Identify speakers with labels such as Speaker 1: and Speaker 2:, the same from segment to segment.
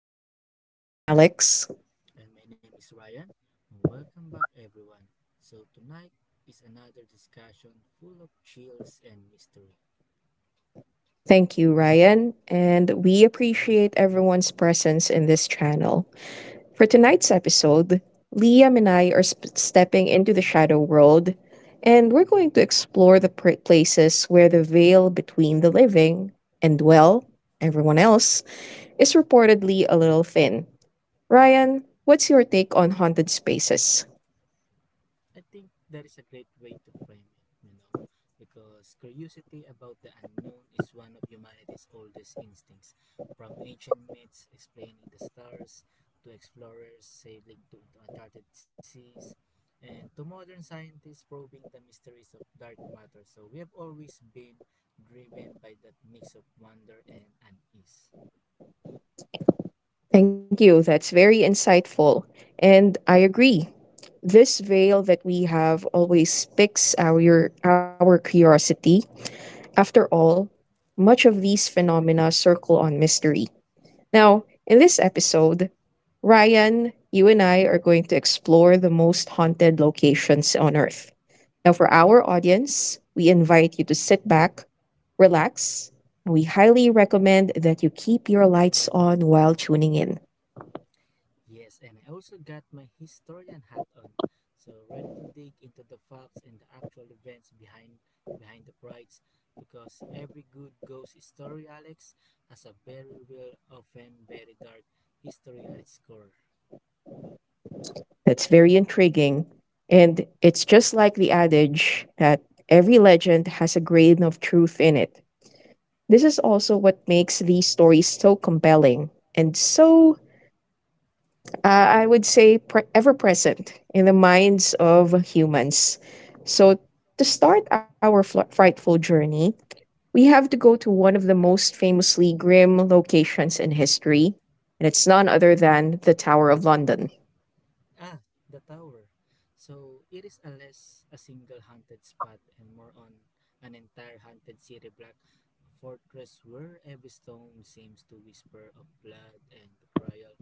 Speaker 1: Lore. I'm Alex.
Speaker 2: And my name is Ryan. Welcome back, everyone. So, tonight is another discussion full of chills and mystery.
Speaker 1: Thank you, Ryan, and we appreciate everyone's presence in this channel. For tonight's episode, Liam and I are stepping into the shadow world, and we're going to explore the places where the veil between the living and, well, everyone else is reportedly a little thin. Ryan, what's your take on haunted spaces?
Speaker 2: I think that is a great way to frame it, you know, because curiosity about the unknown is one of humanity's oldest instincts. From ancient myths explaining the stars, to explorers sailing to uncharted seas, and to modern scientists probing the mysteries of dark matter. So we have always been driven by that mix of wonder and unease.
Speaker 1: Thank you. That's very insightful. And I agree. This veil that we have always picks our curiosity. After all, much of these phenomena circle on mystery. Now, in this episode, Ryan, you and I are going to explore the most haunted locations on Earth. Now, for our audience, we invite you to sit back, relax, and we highly recommend that you keep your lights on while tuning in.
Speaker 2: Yes, and I also got my historian hat on, so ready to dig into the facts and the actual events behind the brides, because every good ghost story, Alex, has a very real, often very dark history at its core.
Speaker 1: That's very intriguing. And it's just like the adage that every legend has a grain of truth in it. This is also what makes these stories so compelling and so, I would say, ever present in the minds of humans. So, to start our frightful journey, we have to go to one of the most famously grim locations in history, and it's none other than the Tower of London.
Speaker 2: Ah, the tower. So it is a less a single haunted spot and more on an entire haunted city block, a fortress where every stone seems to whisper of blood and betrayal.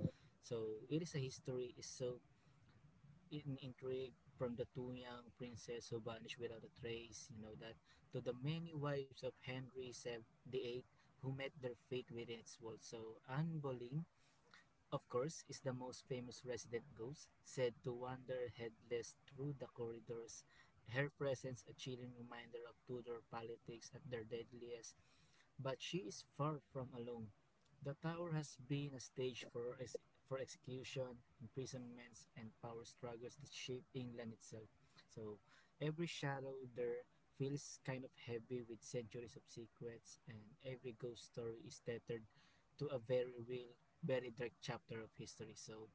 Speaker 2: So it is a history is so in intrigue from the two young princes who vanished without a trace, you know that, to the many wives of Henry VIII who met their fate within its walls. So Anne Boleyn, of course, is the most famous resident ghost, said to wander headless through the corridors. Her presence a chilling reminder of Tudor politics at their deadliest. But she is far from alone. The tower has been a stage for, for execution, imprisonments, and power struggles that shape England itself. So every shadow there feels kind of heavy with centuries of secrets, and every ghost story is tethered to a very real, very dark chapter of history. So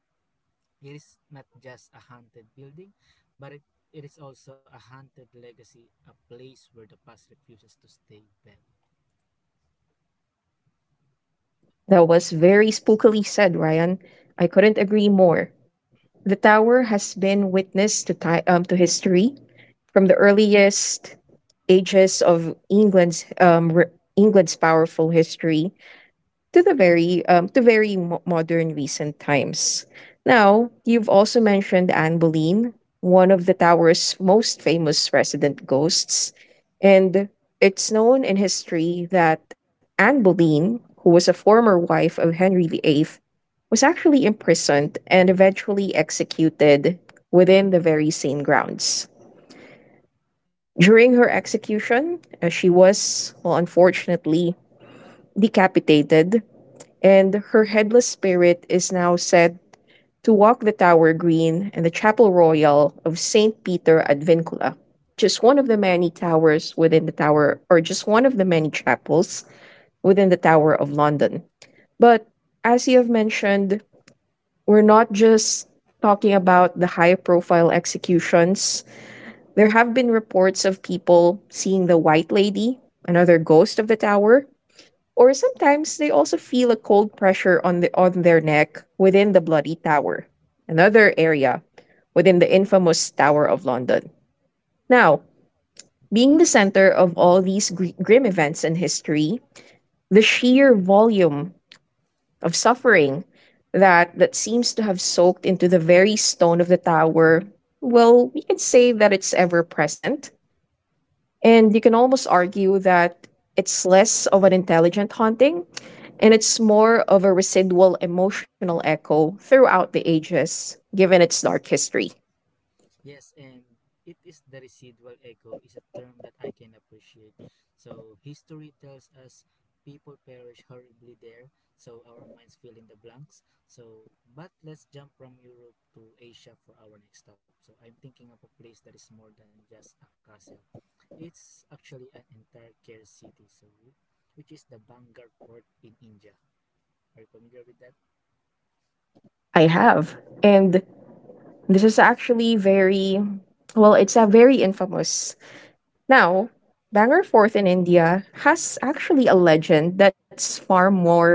Speaker 2: it is not just a haunted building, but it is also a haunted legacy, a place where the past refuses to stay buried.
Speaker 1: That was very spookily said, Ryan. I couldn't agree more. The tower has been witness to to history from the earliest ages of England's powerful history to the very to very mo- modern recent times. Now,
Speaker 2: Mm.
Speaker 1: you've also mentioned Anne Boleyn, one of the tower's most famous resident ghosts, and it's known in history that Anne Boleyn, who was a former wife of Henry VIII, was actually imprisoned and eventually executed within the very same grounds. During her execution, she was, well, unfortunately, decapitated, and her headless spirit is now said to walk the Tower Green and the Chapel Royal of St. Peter ad Vincula, just one of the many towers within the Tower, or just one of the many chapels within the Tower of London. But as you have mentioned, we're not just talking about the high profile executions. There have been reports of people seeing the White Lady, another ghost of the tower, or sometimes they also feel a cold pressure on the on their neck within the Bloody Tower, another area within the infamous Tower of London. Now, being the center of all these grim events in history, the sheer volume of suffering that seems to have soaked into the very stone of the tower, well, we can say that it's ever present, and you can almost argue that it's less of an intelligent haunting and it's more of a residual emotional echo throughout the ages, given its dark history.
Speaker 2: Yes, and it is the residual echo is a term that I can appreciate. So history tells us people perish horribly there, so our minds fill in the blanks. So but let's jump from Europe to Asia for our next stop. So I'm thinking of a place that is more than just a castle. It's actually an entire care city, so which is the Bangar port in India. Are you familiar with that?
Speaker 1: I have. And this is actually very, well, it's a very infamous. Now, Banger Fort in India has actually a legend that's far
Speaker 2: Mm,
Speaker 1: more,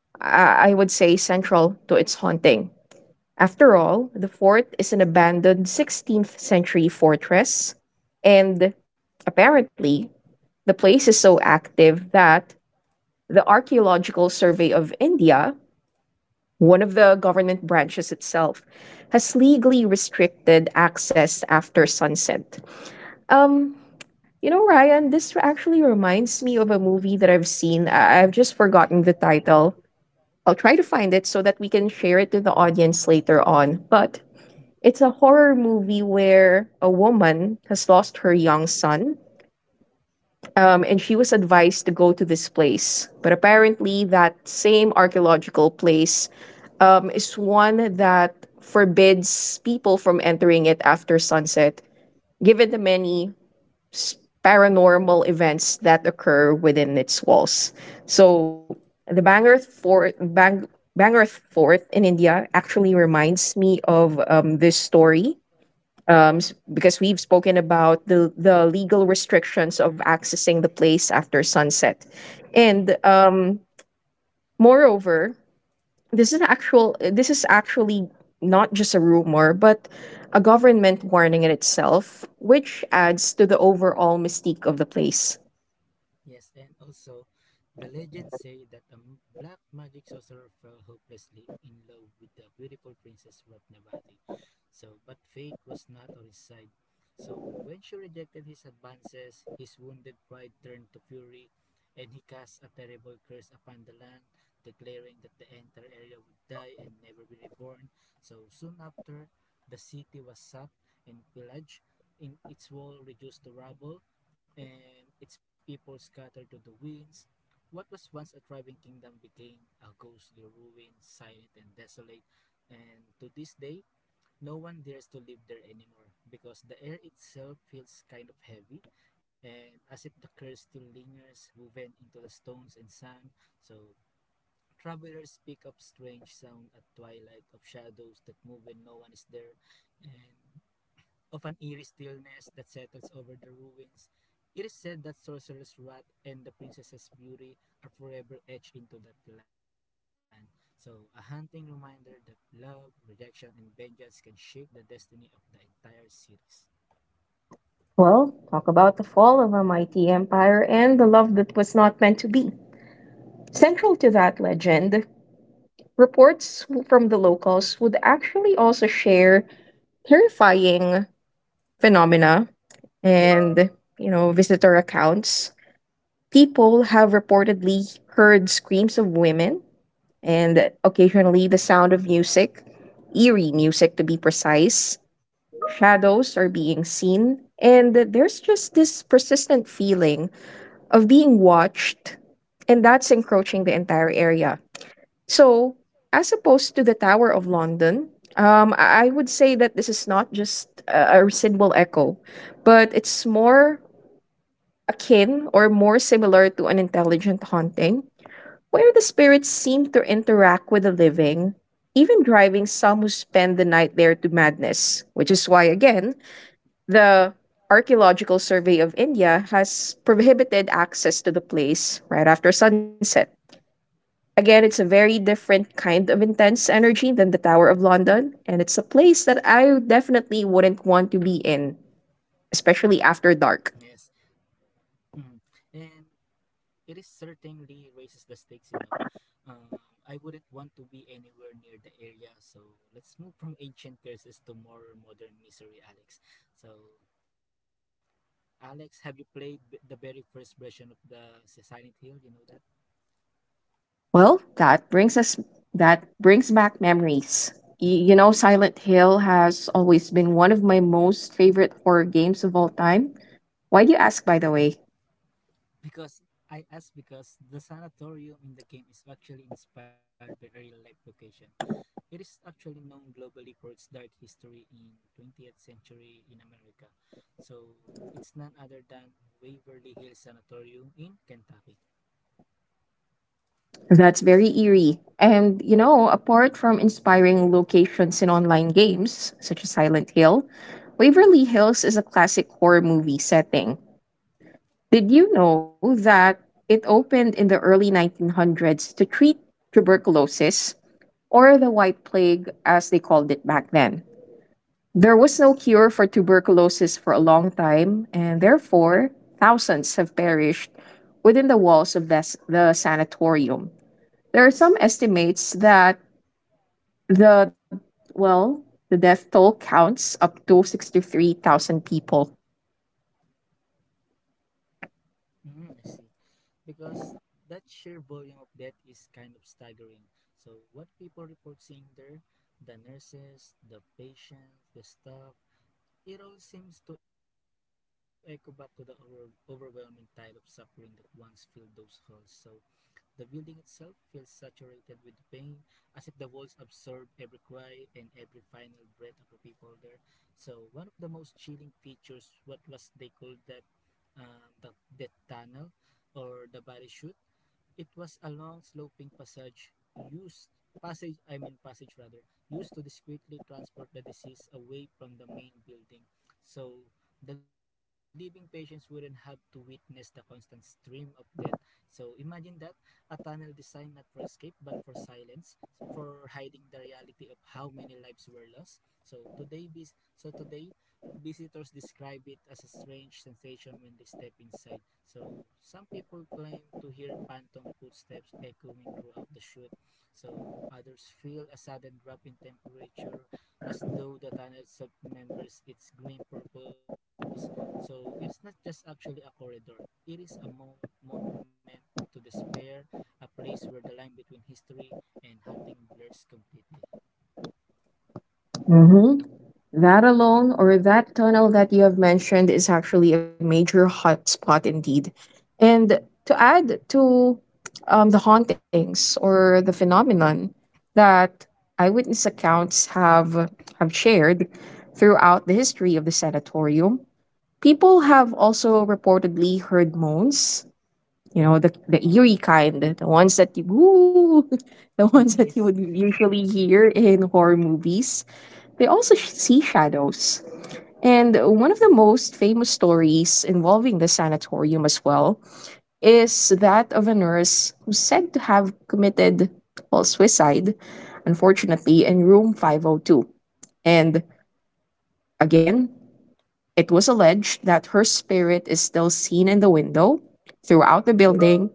Speaker 1: I would say, central to its haunting. After all, the fort is an abandoned 16th century fortress, and apparently, the place is so active that the Archaeological Survey of India, one of the government branches itself, has legally restricted access after sunset. Um, you know, Ryan, this actually reminds me of a movie that I've seen. I've just forgotten the title. I'll try to find it so that we can share it to the audience later on. But it's a horror movie where a woman has lost her young son,
Speaker 2: mm,
Speaker 1: and she was advised to go to this place. But apparently, that same archaeological place is one that forbids people from entering it after sunset, given the many s- paranormal events that occur within its walls. So, the Bangor Fort in India actually reminds me of this story, because we've spoken about the legal restrictions of accessing the place after sunset.
Speaker 2: mm.
Speaker 1: And moreover, this is actually not just a rumor, but a government warning in itself, which adds to the overall mystique of the place.
Speaker 2: Yes, and also, the legends say that a black magic sorcerer fell hopelessly in love with the beautiful Princess Ratnavati. So, but fate was not on his side. So, when she rejected his advances, his wounded pride turned to fury, and he cast a terrible curse upon the land, declaring that the entire area would die and never be reborn. So, soon after, the city was sacked and pillaged, in its wall reduced to rubble, and its people scattered to the winds, what was once a thriving kingdom became a ghostly ruin, silent and desolate, and to this day, no one dares to live there anymore because the air itself feels kind of heavy and as if the curse still lingers woven into the stones and sand. So, travelers pick up strange sound at twilight of shadows that move when no one is there, and of an eerie stillness that settles over the ruins. It is said that sorcerer's wrath and the princess's beauty are forever etched into that land. So, a haunting reminder that love, rejection, and vengeance can shape the destiny of the entire series.
Speaker 1: Well, talk about the fall of a mighty empire and the love that was not meant to be. Central to that legend, reports from the locals would actually also share terrifying phenomena, and, you know, visitor accounts, people have reportedly heard screams of women and occasionally the sound of music, eerie music to be precise. Shadows are being seen, and there's just this persistent feeling of being watched and that's encroaching the entire area. So, as opposed to the Tower of London, I would say that this is not just a residual echo, but it's more akin or more similar to an intelligent haunting, where the spirits seem to interact with the living, even driving some who spend the night there to madness, which is why, again, the Archaeological Survey of India has prohibited access to the place right after sunset. Again, it's a very different kind of intense energy than the Tower of London, and it's a place that I definitely wouldn't want to be in, especially after dark.
Speaker 2: Yes. Mhm. And it is certainly raises the stakes, you know. I wouldn't want to be anywhere near the area, so let's move from ancient curses to more modern misery, Alex. So, Alex, have you played the very first version of the Silent Hill? You know that?
Speaker 1: Well, that brings back memories. You know, Silent Hill has always been one of my most favorite horror games of all time. Why do you ask, by the way?
Speaker 2: Because I asked because the sanatorium in the game is actually inspired by real life location. It is actually known globally for its dark history in 20th century in America. So it's none other than Waverly Hills Sanatorium in Kentucky.
Speaker 1: That's very eerie. And, you know, apart from inspiring locations in online games, such as Silent Hill, Waverly Hills is a classic horror movie setting. Did you know that it opened in the early 1900s to treat tuberculosis, or the white plague as they called it back then? There was no cure for tuberculosis for a long time, and therefore, thousands have perished within the walls of the sanatorium. There are some estimates that the, well, the death toll counts up to 63,000 people.
Speaker 2: Mm, I see. Because that sheer volume of death is kind of staggering. So what people report seeing there, the nurses, the patients, the staff, it all seems to echo back to the overwhelming tide of suffering that once filled those halls. So the building itself feels saturated with pain, as if the walls absorb every cry and every final breath of the people there. So one of the most chilling features, what was they called that the death tunnel or the parachute. It was a long sloping passage used passage I mean passage rather used to discreetly transport the deceased away from the main building. So the living patients wouldn't have to witness the constant stream of death. So imagine that a tunnel designed not for escape but for silence, for hiding the reality of how many lives were lost. So today so today visitors describe it as a strange sensation when they step inside. So some people claim to hear phantom footsteps echoing throughout the chute. So others feel a sudden drop in temperature as though the tunnel itself remembers its grim purpose. So it's not just actually a corridor. It is a monument to despair, a place where the line between history and hunting blurs completely.
Speaker 1: Hmm. That alone, or that tunnel that you have mentioned, is actually a major hotspot indeed. And to add to the hauntings or the phenomenon that eyewitness accounts have shared throughout the history of the sanatorium, people have also reportedly heard moans. You know, the eerie kind, the ones that you, woo, the ones that you would
Speaker 2: Yes.
Speaker 1: usually hear in horror movies, they also see shadows. And one of the most famous stories involving the sanatorium as well is that of a nurse who's said to have committed, well, suicide, unfortunately, in room 502. And again, it was alleged that her spirit is still seen in the window throughout the building,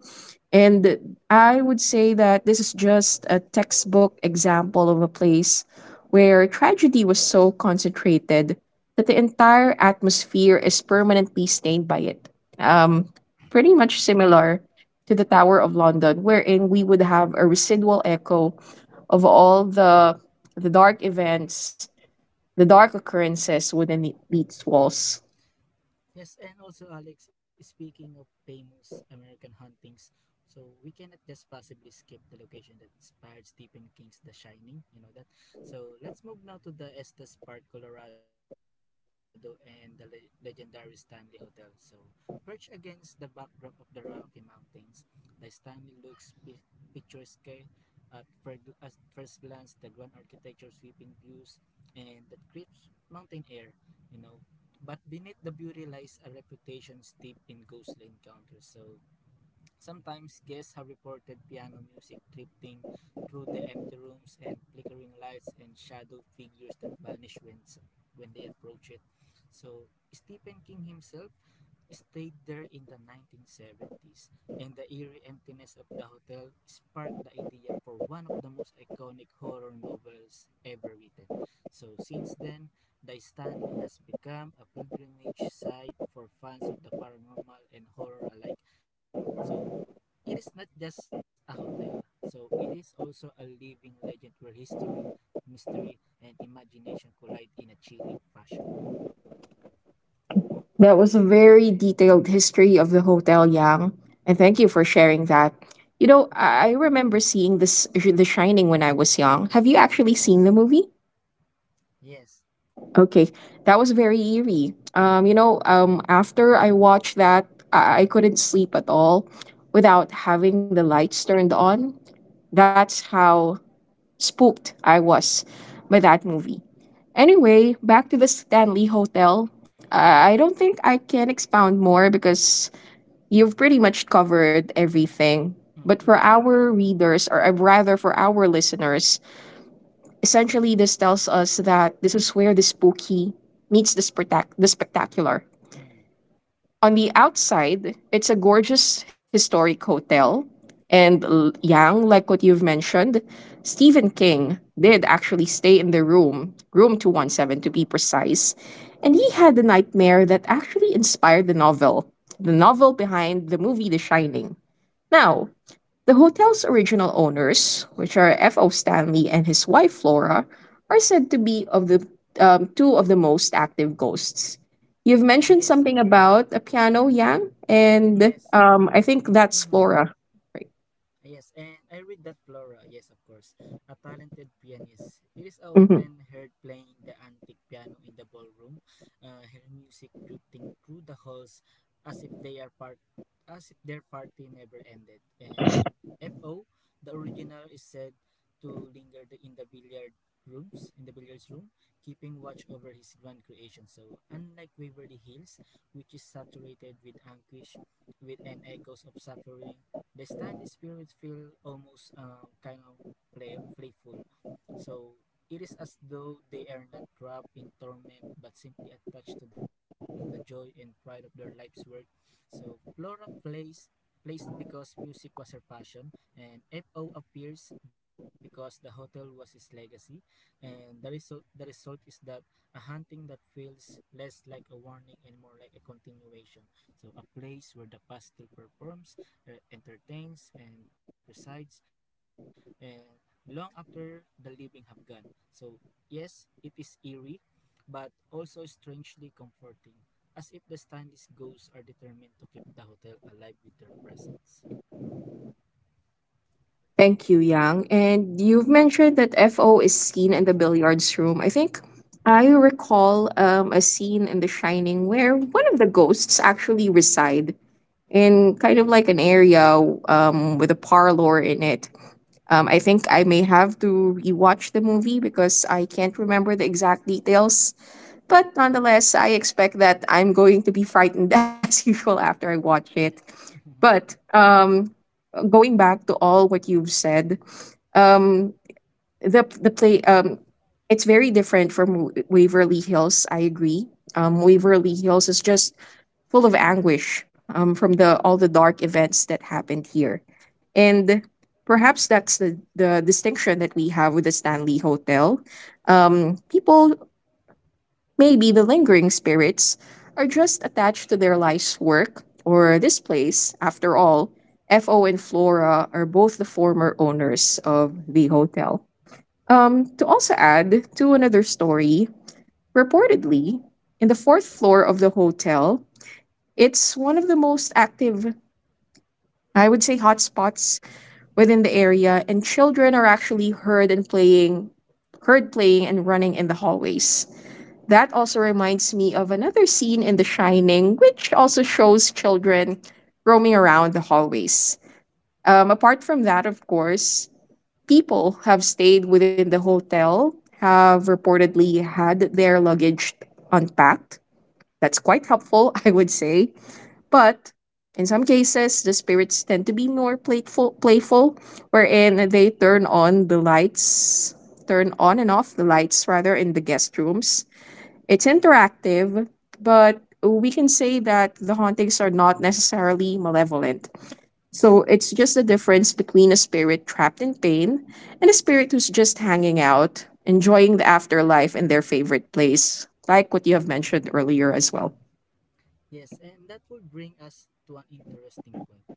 Speaker 1: and I would say that this is just a textbook example of a place where tragedy was so concentrated that the entire atmosphere is permanently stained by it. Um, Pretty much similar to the Tower of London, wherein we would have a residual echo of all the dark events, the dark occurrences wouldn't beat walls.
Speaker 2: Yes, and also Alex, speaking of famous American hauntings, so we cannot just possibly skip the location that inspired Stephen King's The Shining, you know that. So let's move now to the Estes Park, Colorado, and the legendary Stanley Hotel. So perched against the backdrop of the Rocky Mountains, the Stanley looks picturesque at, at first glance. The grand architecture, sweeping views, and the crisp mountain air, you know. But beneath the beauty lies a reputation steeped in ghostly encounters. So sometimes guests have reported piano music drifting through the empty rooms and flickering lights and shadow figures that vanish when they approach it. So Stephen King himself stayed there in the 1970s, and the eerie emptiness of the hotel sparked the idea for one of the most iconic horror novels ever written. So, since then, the Stanley has become a pilgrimage site for fans of the paranormal and horror alike. So, it is not just a hotel, so it is also a living legend where history, mystery, and imagination collide in a chilling fashion.
Speaker 1: That was a very detailed history of the Hotel Yang, and thank you for sharing that. You know,
Speaker 2: Mhm.
Speaker 1: I remember seeing this The Shining when I was young. Have you actually seen the movie?
Speaker 2: Yes.
Speaker 1: Okay, that was very eerie. After I watched that, I couldn't sleep at all without having the lights turned on. That's how spooked I was by that movie. Anyway, back to the Stanley Hotel. I don't think I can expound more because you've pretty much covered everything.
Speaker 2: Mm-hmm.
Speaker 1: But for our readers, or rather for our listeners, essentially this tells us that this is where the spooky meets the spectacular.
Speaker 2: Mm-hmm.
Speaker 1: On the outside, it's a gorgeous historic hotel. And Yang, like what you've mentioned, Stephen King did actually stay in the room 217 to be precise. And he had a nightmare that actually inspired the novel behind the movie The Shining. Now, the hotel's original owners, which are F.O. Stanley and his wife Flora, are said to be of the two of the most active ghosts. You've mentioned
Speaker 2: Yes,
Speaker 1: something about a piano, Yang, and
Speaker 2: yes.
Speaker 1: I think that's
Speaker 2: Mm-hmm.
Speaker 1: Flora. Right.
Speaker 2: Yes, and I read that Flora, yes, of course, a talented pianist. It is
Speaker 1: Mhm.
Speaker 2: often heard playing the antique piano in the ballroom, her music drifting through the halls as if they are part as if their party never ended. And F.O., the original, is said to linger in the billiards room, keeping watch over his grand creation. So, unlike Waverly Hills, which is saturated with anguish, with and echoes of suffering, the Stanley spirits feel almost kind of playful. So it is as though they are not trapped in torment but simply attached to the joy and pride of their life's work. So Flora plays because music was her passion and FO appears because the hotel was his legacy and the result is that a hunting that feels less like a warning and more like a continuation. So a place where the past still performs entertains and presides and long after the living have gone. So yes, it is eerie, but also strangely comforting, as if the Stanley's ghosts are determined to keep the hotel alive with their presence.
Speaker 1: Thank you, Yang. And you've mentioned that F.O. is seen in the billiards room. I think I recall a scene in The Shining where one of the ghosts actually reside in kind of like an area with a parlor in it. I think I may have to rewatch the movie because I can't remember the exact details. But nonetheless, I expect that I'm going to be frightened as usual after I watch it.
Speaker 2: Yes.
Speaker 1: But going back to all what you've said, um, the play, it's very different from Waverly Hills. I agree. Waverly Hills is just full of anguish, from the all the dark events that happened here. And perhaps that's the distinction that we have with the Stanley Hotel. People, maybe the lingering spirits, are just attached to their life's work or this place. After all, FO and Flora are both the former owners of the hotel. To also add to another story, reportedly, in the fourth floor of the hotel, it's one of the most active, I would say, hotspots within the area, and children are actually heard playing and running in the hallways. That also reminds me of another scene in The Shining, which also shows children roaming around the hallways. Apart from that, of course, people have stayed within the hotel have reportedly had their luggage unpacked. That's quite helpful, I would say. But in some cases, the spirits tend to be more playful, wherein they turn on and off the lights rather in the guest rooms. It's interactive, but we can say that the hauntings are not necessarily malevolent. So it's just a difference between a spirit trapped in pain and a spirit who's just hanging out, enjoying the afterlife in their favorite place, like what you have mentioned earlier as well.
Speaker 2: Yes, and that would bring us to an interesting point.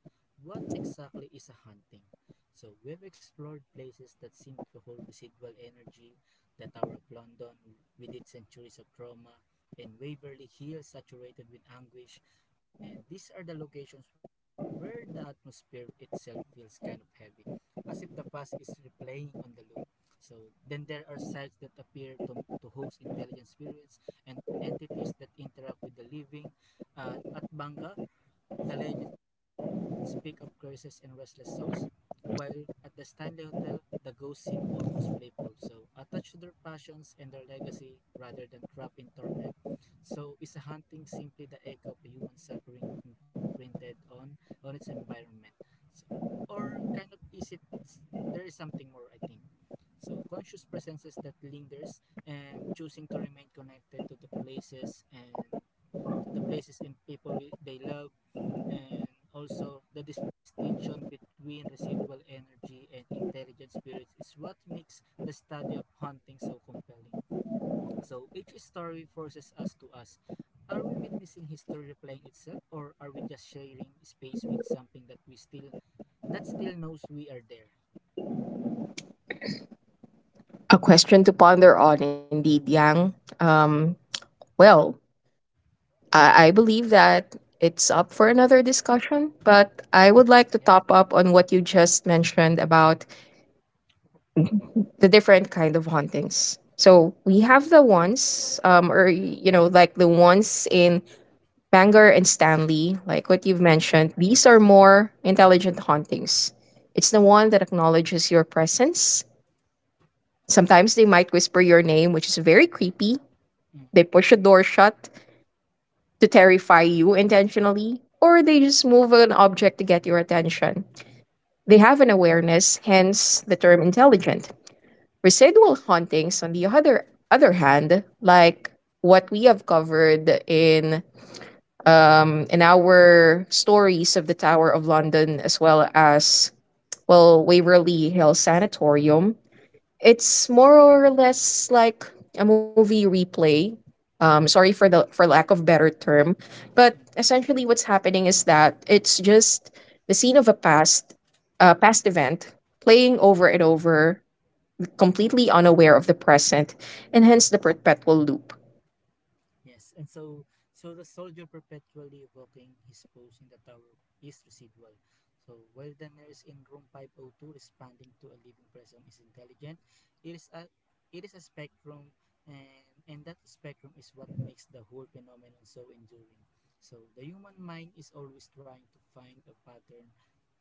Speaker 2: What exactly is a haunting? So, we've explored places that seem to hold residual energy, the Tower of London with its centuries of trauma, and Waverly Hill saturated with anguish. And these are the locations where the atmosphere itself feels kind of heavy, as if the past is replaying on the loop. So, then there are sites that appear to host intelligent spirits and entities that interact with the living at Banga, the legends speak of curses and restless souls, while at the Stanley Hotel, the ghosts seem almost playful, so attached to their passions and their legacy rather than trapped in torment. So is a haunting simply the echo of human suffering imprinted on its environment? So, or kind of is it there is something more I think. So conscious presences that lingers and choosing to remain connected to the places and to the places and people they love, and also the distinction between residual energy and intelligent spirits is what makes the study of hunting so compelling. So each story forces us to ask are we witnessing history replaying itself or are we just sharing space with something that we still knows we are there.
Speaker 1: A question to ponder on, indeed, Yang. Well, I believe that it's up for another discussion, but I would like to
Speaker 2: Yes.
Speaker 1: top up on what you just mentioned about the different kind of hauntings. So we have the ones, like the ones in Bangor and Stanley, like what you've mentioned.
Speaker 2: Mm-hmm.
Speaker 1: These are more intelligent hauntings. It's the one that acknowledges your presence. Sometimes they might whisper your name, which is very creepy. They
Speaker 2: Mm-hmm.
Speaker 1: push a door shut to terrify you intentionally, or they just move an object to get your attention. They have an awareness, hence the term intelligent. Residual hauntings, on the other hand, like what we have covered in in our stories of the Tower of London, as well as Waverly Hill Sanatorium, it's more or less like a movie replay. Sorry for the for lack of better term, but
Speaker 2: Mm-hmm.
Speaker 1: essentially what's happening is that it's just the scene of a past past event playing over and over, completely unaware of the present, and hence the perpetual loop.
Speaker 2: Yes, and so the soldier perpetually evoking his pose in the tower is residual. So while the nurse in room 502 responding to a living person is intelligent, it is a it is a spectrum and that spectrum is what makes the whole phenomenon so enduring. So the human mind is always trying to find a pattern,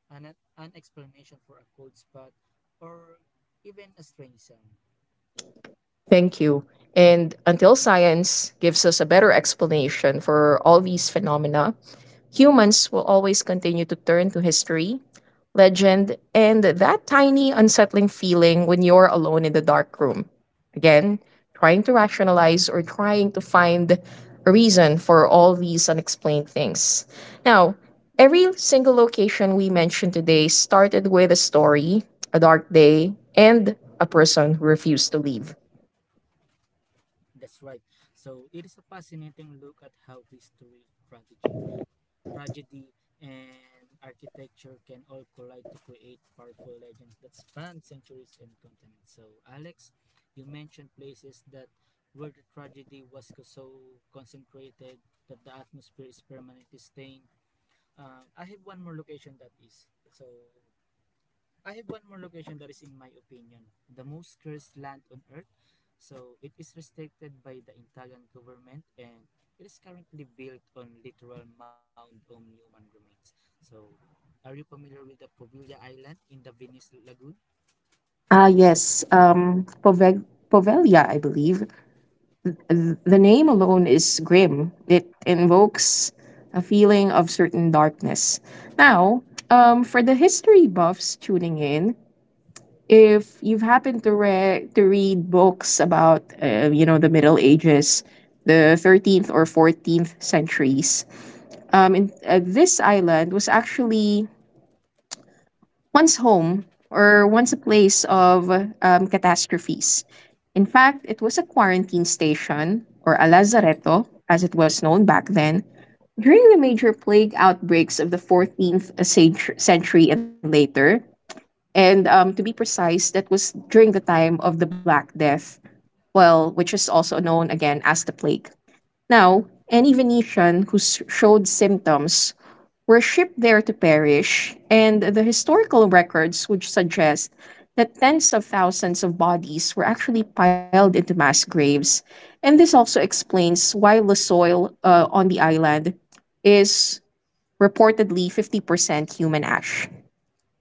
Speaker 2: an explanation for a cold spot or even a strange sound.
Speaker 1: Thank you. And until science gives us a better explanation for all these phenomena, humans will always continue to turn to history, legend, and that tiny unsettling feeling when you're alone in the dark room. Again, trying to rationalize or trying to find a reason for all these unexplained things. Now, every single location we mentioned today started with a story, a dark day, and a person who refused to leave.
Speaker 2: That's right. So it is a fascinating look at how history, tragedy, tragedy, and architecture can all collide to create powerful legends that span centuries and continents. So Alex, you mentioned places that where the tragedy was so concentrated that the atmosphere is permanently stained. I have one more location that is. So I have one more location that is, in my opinion, the most cursed land on earth. So it is restricted by the Italian government and it is currently built on literal mound of human remains. So are you familiar with the Poviglia Island in the Venice Lagoon?
Speaker 1: Ah, yes. Povelia, I believe. The name alone is grim. It invokes a feeling of certain darkness. Now, for the history buffs tuning in, if you've happened to read books about you know the Middle Ages, the 13th or 14th centuries, this island was actually once home or once a place of catastrophes. In fact, it was a quarantine station or a lazaretto, as it was known back then, during the major plague outbreaks of the century and later, and to be precise, that was during the time of the Black Death, well, which is also known again as the plague. Now, any Venetian who showed symptoms were shipped there to perish, and the historical records would suggest that tens of thousands of bodies were actually piled into mass graves. And this also explains why the soil on the island is reportedly 50% human ash.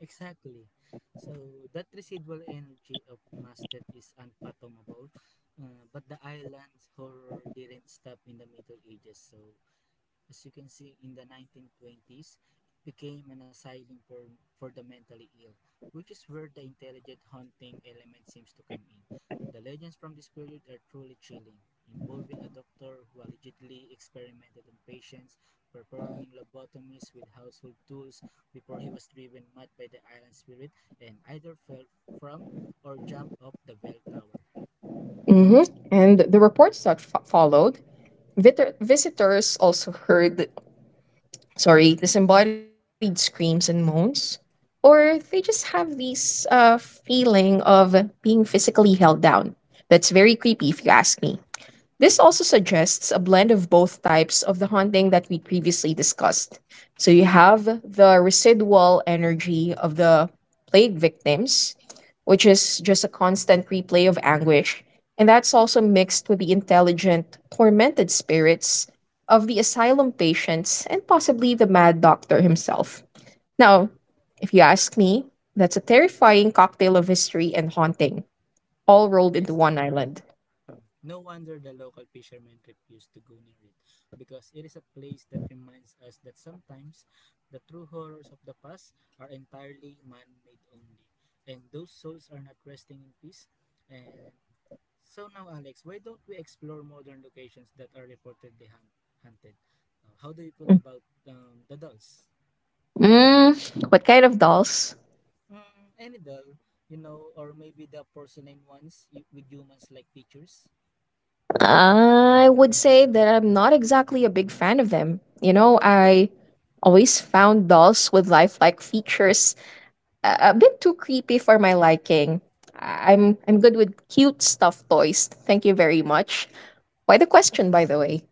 Speaker 2: Exactly. So that residual energy of mass that is unfathomable. But the island's horror didn't stop in the Middle Ages. So as you can see, in the 1920s, it became an asylum for, the mentally ill, which is where the intelligent haunting element seems to come in. The legends from this period are truly chilling, involving a doctor who allegedly experimented on patients, performing lobotomies with household tools before he was driven mad by the island spirit and either fell from or jumped off the bell tower.
Speaker 1: Hmm. And the reports that followed, visitors also heard, sorry, disembodied screams and moans, or they just have this feeling of being physically held down. That's very creepy, if you ask me. This
Speaker 2: Mhm.
Speaker 1: also suggests a blend of both types of the haunting that we previously discussed. So you have the residual energy of the plague victims, which is just a constant replay of anguish, and that's also mixed with the intelligent, tormented spirits of the asylum patients and possibly the mad doctor himself. Now, if you ask me, that's a terrifying cocktail of history and haunting, all rolled into
Speaker 2: Yes.
Speaker 1: one island.
Speaker 2: Mm. No wonder the local fishermen refuse to go near it, because it is a place that reminds us that sometimes the true horrors of the past are entirely man made only, and those souls are not resting in peace. And so now, Alex, why don't we explore modern locations that are reportedly haunted? How do you feel about the dolls?
Speaker 1: Mm, what kind of dolls?
Speaker 2: Mm, any doll, you know, or maybe the porcelain ones you, with humans like features?
Speaker 1: I would say that I'm not exactly a big fan of them. You know, I always found dolls with lifelike features a bit too creepy for my liking. I'm good with cute stuffed toys. Thank you very much. Why the question, by the way?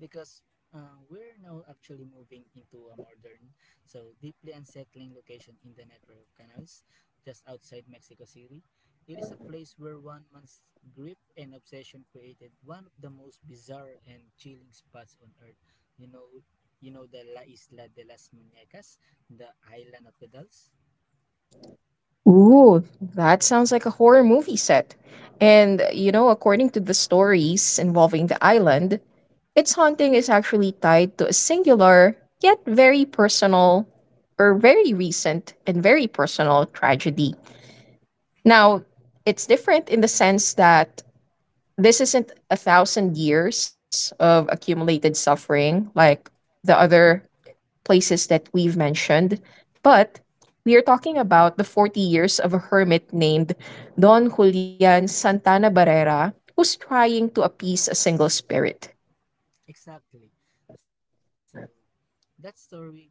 Speaker 2: Because we're now actually moving into a modern, so deeply unsettling location in the network of canals just outside Mexico City. It is a place where one man's grip and obsession created one of the most bizarre and chilling spots on earth. You know, you know the La Isla de las Muñecas, the island of the dolls.
Speaker 1: Ooh, that sounds like a horror movie set. And, you know, according to the stories involving the island, its haunting is actually tied to a singular, yet very personal, or very recent and very personal tragedy. Now, it's different in the sense that this isn't a thousand years of accumulated suffering like the other places that we've mentioned, but we are talking about the 40 years of a hermit named Don Julian Santana Barrera who's trying to appease a single spirit.
Speaker 2: Exactly. So that story goes that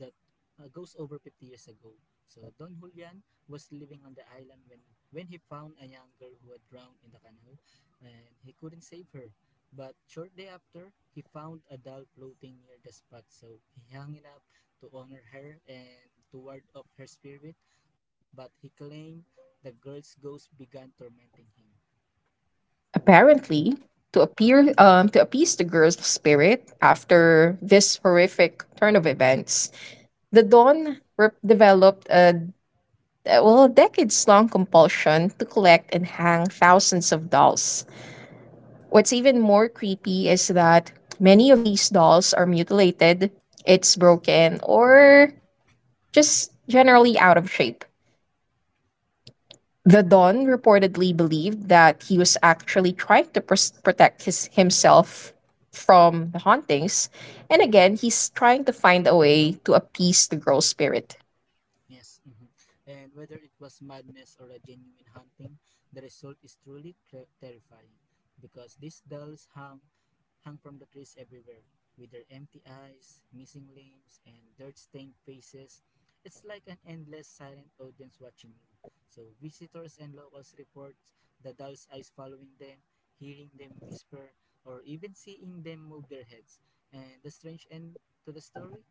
Speaker 2: goes over 50 years ago. So Don Julian was living on the island when he found a young girl who had drowned in the canoe and he couldn't save her. But shortly after, he found a doll floating near the spot, so he hung it up to honor her and to ward off her spirit. But he claimed the girl's ghost began tormenting him.
Speaker 1: Apparently, to appear to appease the girl's spirit after this horrific turn of events, the developed a decades long compulsion to collect and hang thousands of dolls. What's even more creepy is that many of these dolls are mutilated, it's broken, or just generally out of shape. The Don reportedly believed that he was actually trying to protect his himself from the hauntings, and again, he's trying to find a way to appease the girl's spirit.
Speaker 2: Yes, mhm. And whether it was madness or a genuine hunting, the result is truly terrifying, because these dolls hung from the trees everywhere, with their empty eyes, missing limbs, and dirt-stained faces. It's like an endless silent audience watching you. So visitors and locals report the dolls' eyes following them, hearing them whisper, or even seeing them move their heads. And the strange end to the story,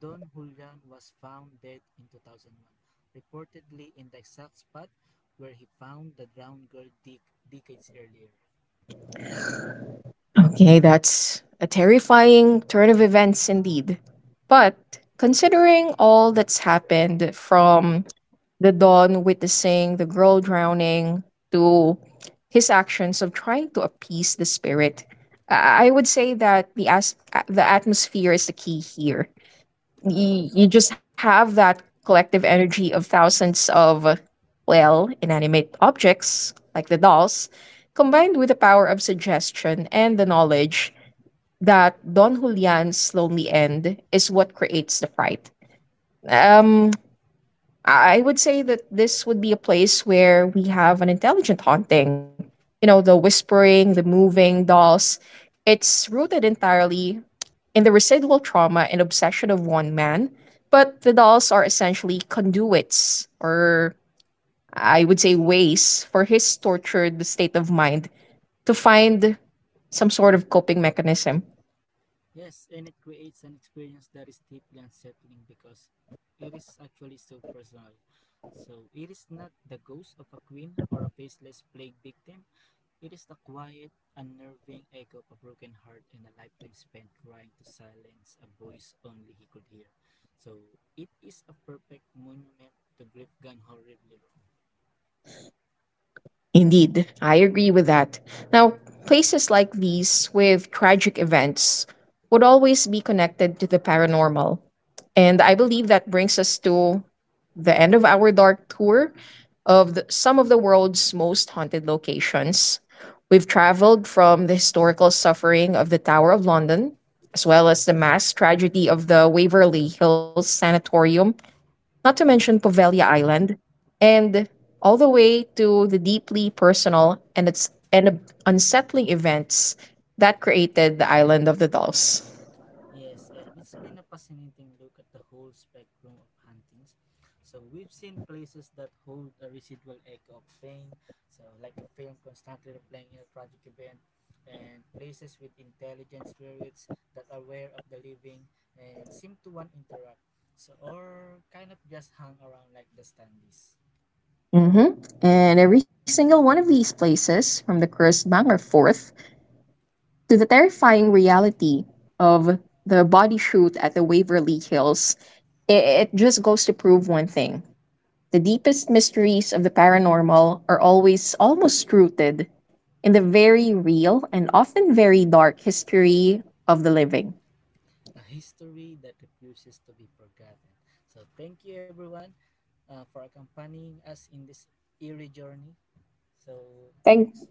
Speaker 2: Don Julian was found dead in 2001, reportedly in the exact spot where he found the drowned girl decades earlier.
Speaker 1: Okay, that's a terrifying turn of events indeed. But considering all that's happened from the Don witnessing the girl drowning to his actions of trying to appease the spirit, I would say that the atmosphere is the key here. You just have that collective energy of thousands of inanimate objects like the dolls combined with the power of suggestion and the knowledge that Don Julian's lonely end is what creates the fright. Um, I would say that this would be a place where we have an intelligent haunting. You know, the whispering, the moving dolls. It's rooted entirely in the residual trauma and obsession of one man, but the dolls are essentially conduits, or I would say ways, for his tortured state of mind to find some sort of coping mechanism.
Speaker 2: Yes, and it creates an experience that is deeply unsettling because it is actually so personal. So it is not the ghost of a queen or a faceless plague victim. It is the quiet, unnerving echo of a broken heart and a lifetime spent trying to silence a voice only he could hear. So it is a perfect monument to grief gone horribly wrong.
Speaker 1: Indeed, I agree with that. Now, places like these with tragic events would always be connected to the paranormal. And I believe that brings us to the end of our dark tour of some of the world's most haunted locations. We've traveled from the historical suffering of the Tower of London, as well as the mass tragedy of the Waverly Hills Sanatorium, not to mention Povelia Island, and all the way to the deeply personal and unsettling events that created the island of the dolls.
Speaker 2: Yes, and it's been a fascinating look at the whole spectrum of hauntings. So we've seen places that hold a residual echo of pain, so like a film constantly replaying in a tragic event, and places with intelligent spirits that are aware of the living and seem to want to interact. So or kind of just hang around like the standees.
Speaker 1: Hmm. And every single one of these places, from the Crust Bank or Forth to the terrifying reality of the body shoot at the Waverly Hills, it just goes to prove one thing. The deepest mysteries of the paranormal are always almost rooted in the very real and often very dark history of the living.
Speaker 2: A history that refuses to be forgotten. So thank you everyone for accompanying us in this eerie journey. So
Speaker 1: Thank
Speaker 2: Alex.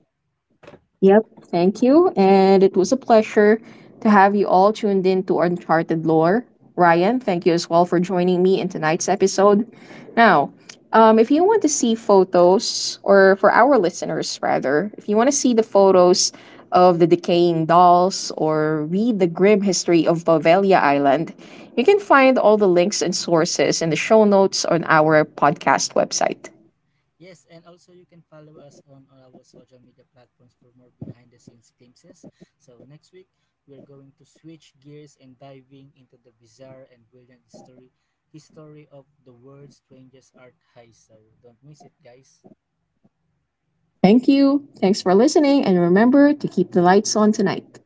Speaker 1: Yep, thank you. And it was a pleasure to have you all tuned in to Uncharted Lore. Ryan, thank you as well for joining me in tonight's
Speaker 2: Mhm.
Speaker 1: episode. Now, if you want to see photos, or for our listeners rather, if you want to see the photos of the decaying dolls or read the grim history of Bovelia Island, you can find all the links and sources in the show notes on our podcast website.
Speaker 2: Yes, and also you can follow us on all our social media platforms for more behind the scenes glimpses. So, next week, we're going to switch gears and diving into the bizarre and brilliant story history of the world's strangest art heist. So, don't miss it, guys.
Speaker 1: Thank you. Thanks for listening, and remember to keep the lights on tonight.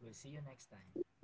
Speaker 2: We'll see you next time.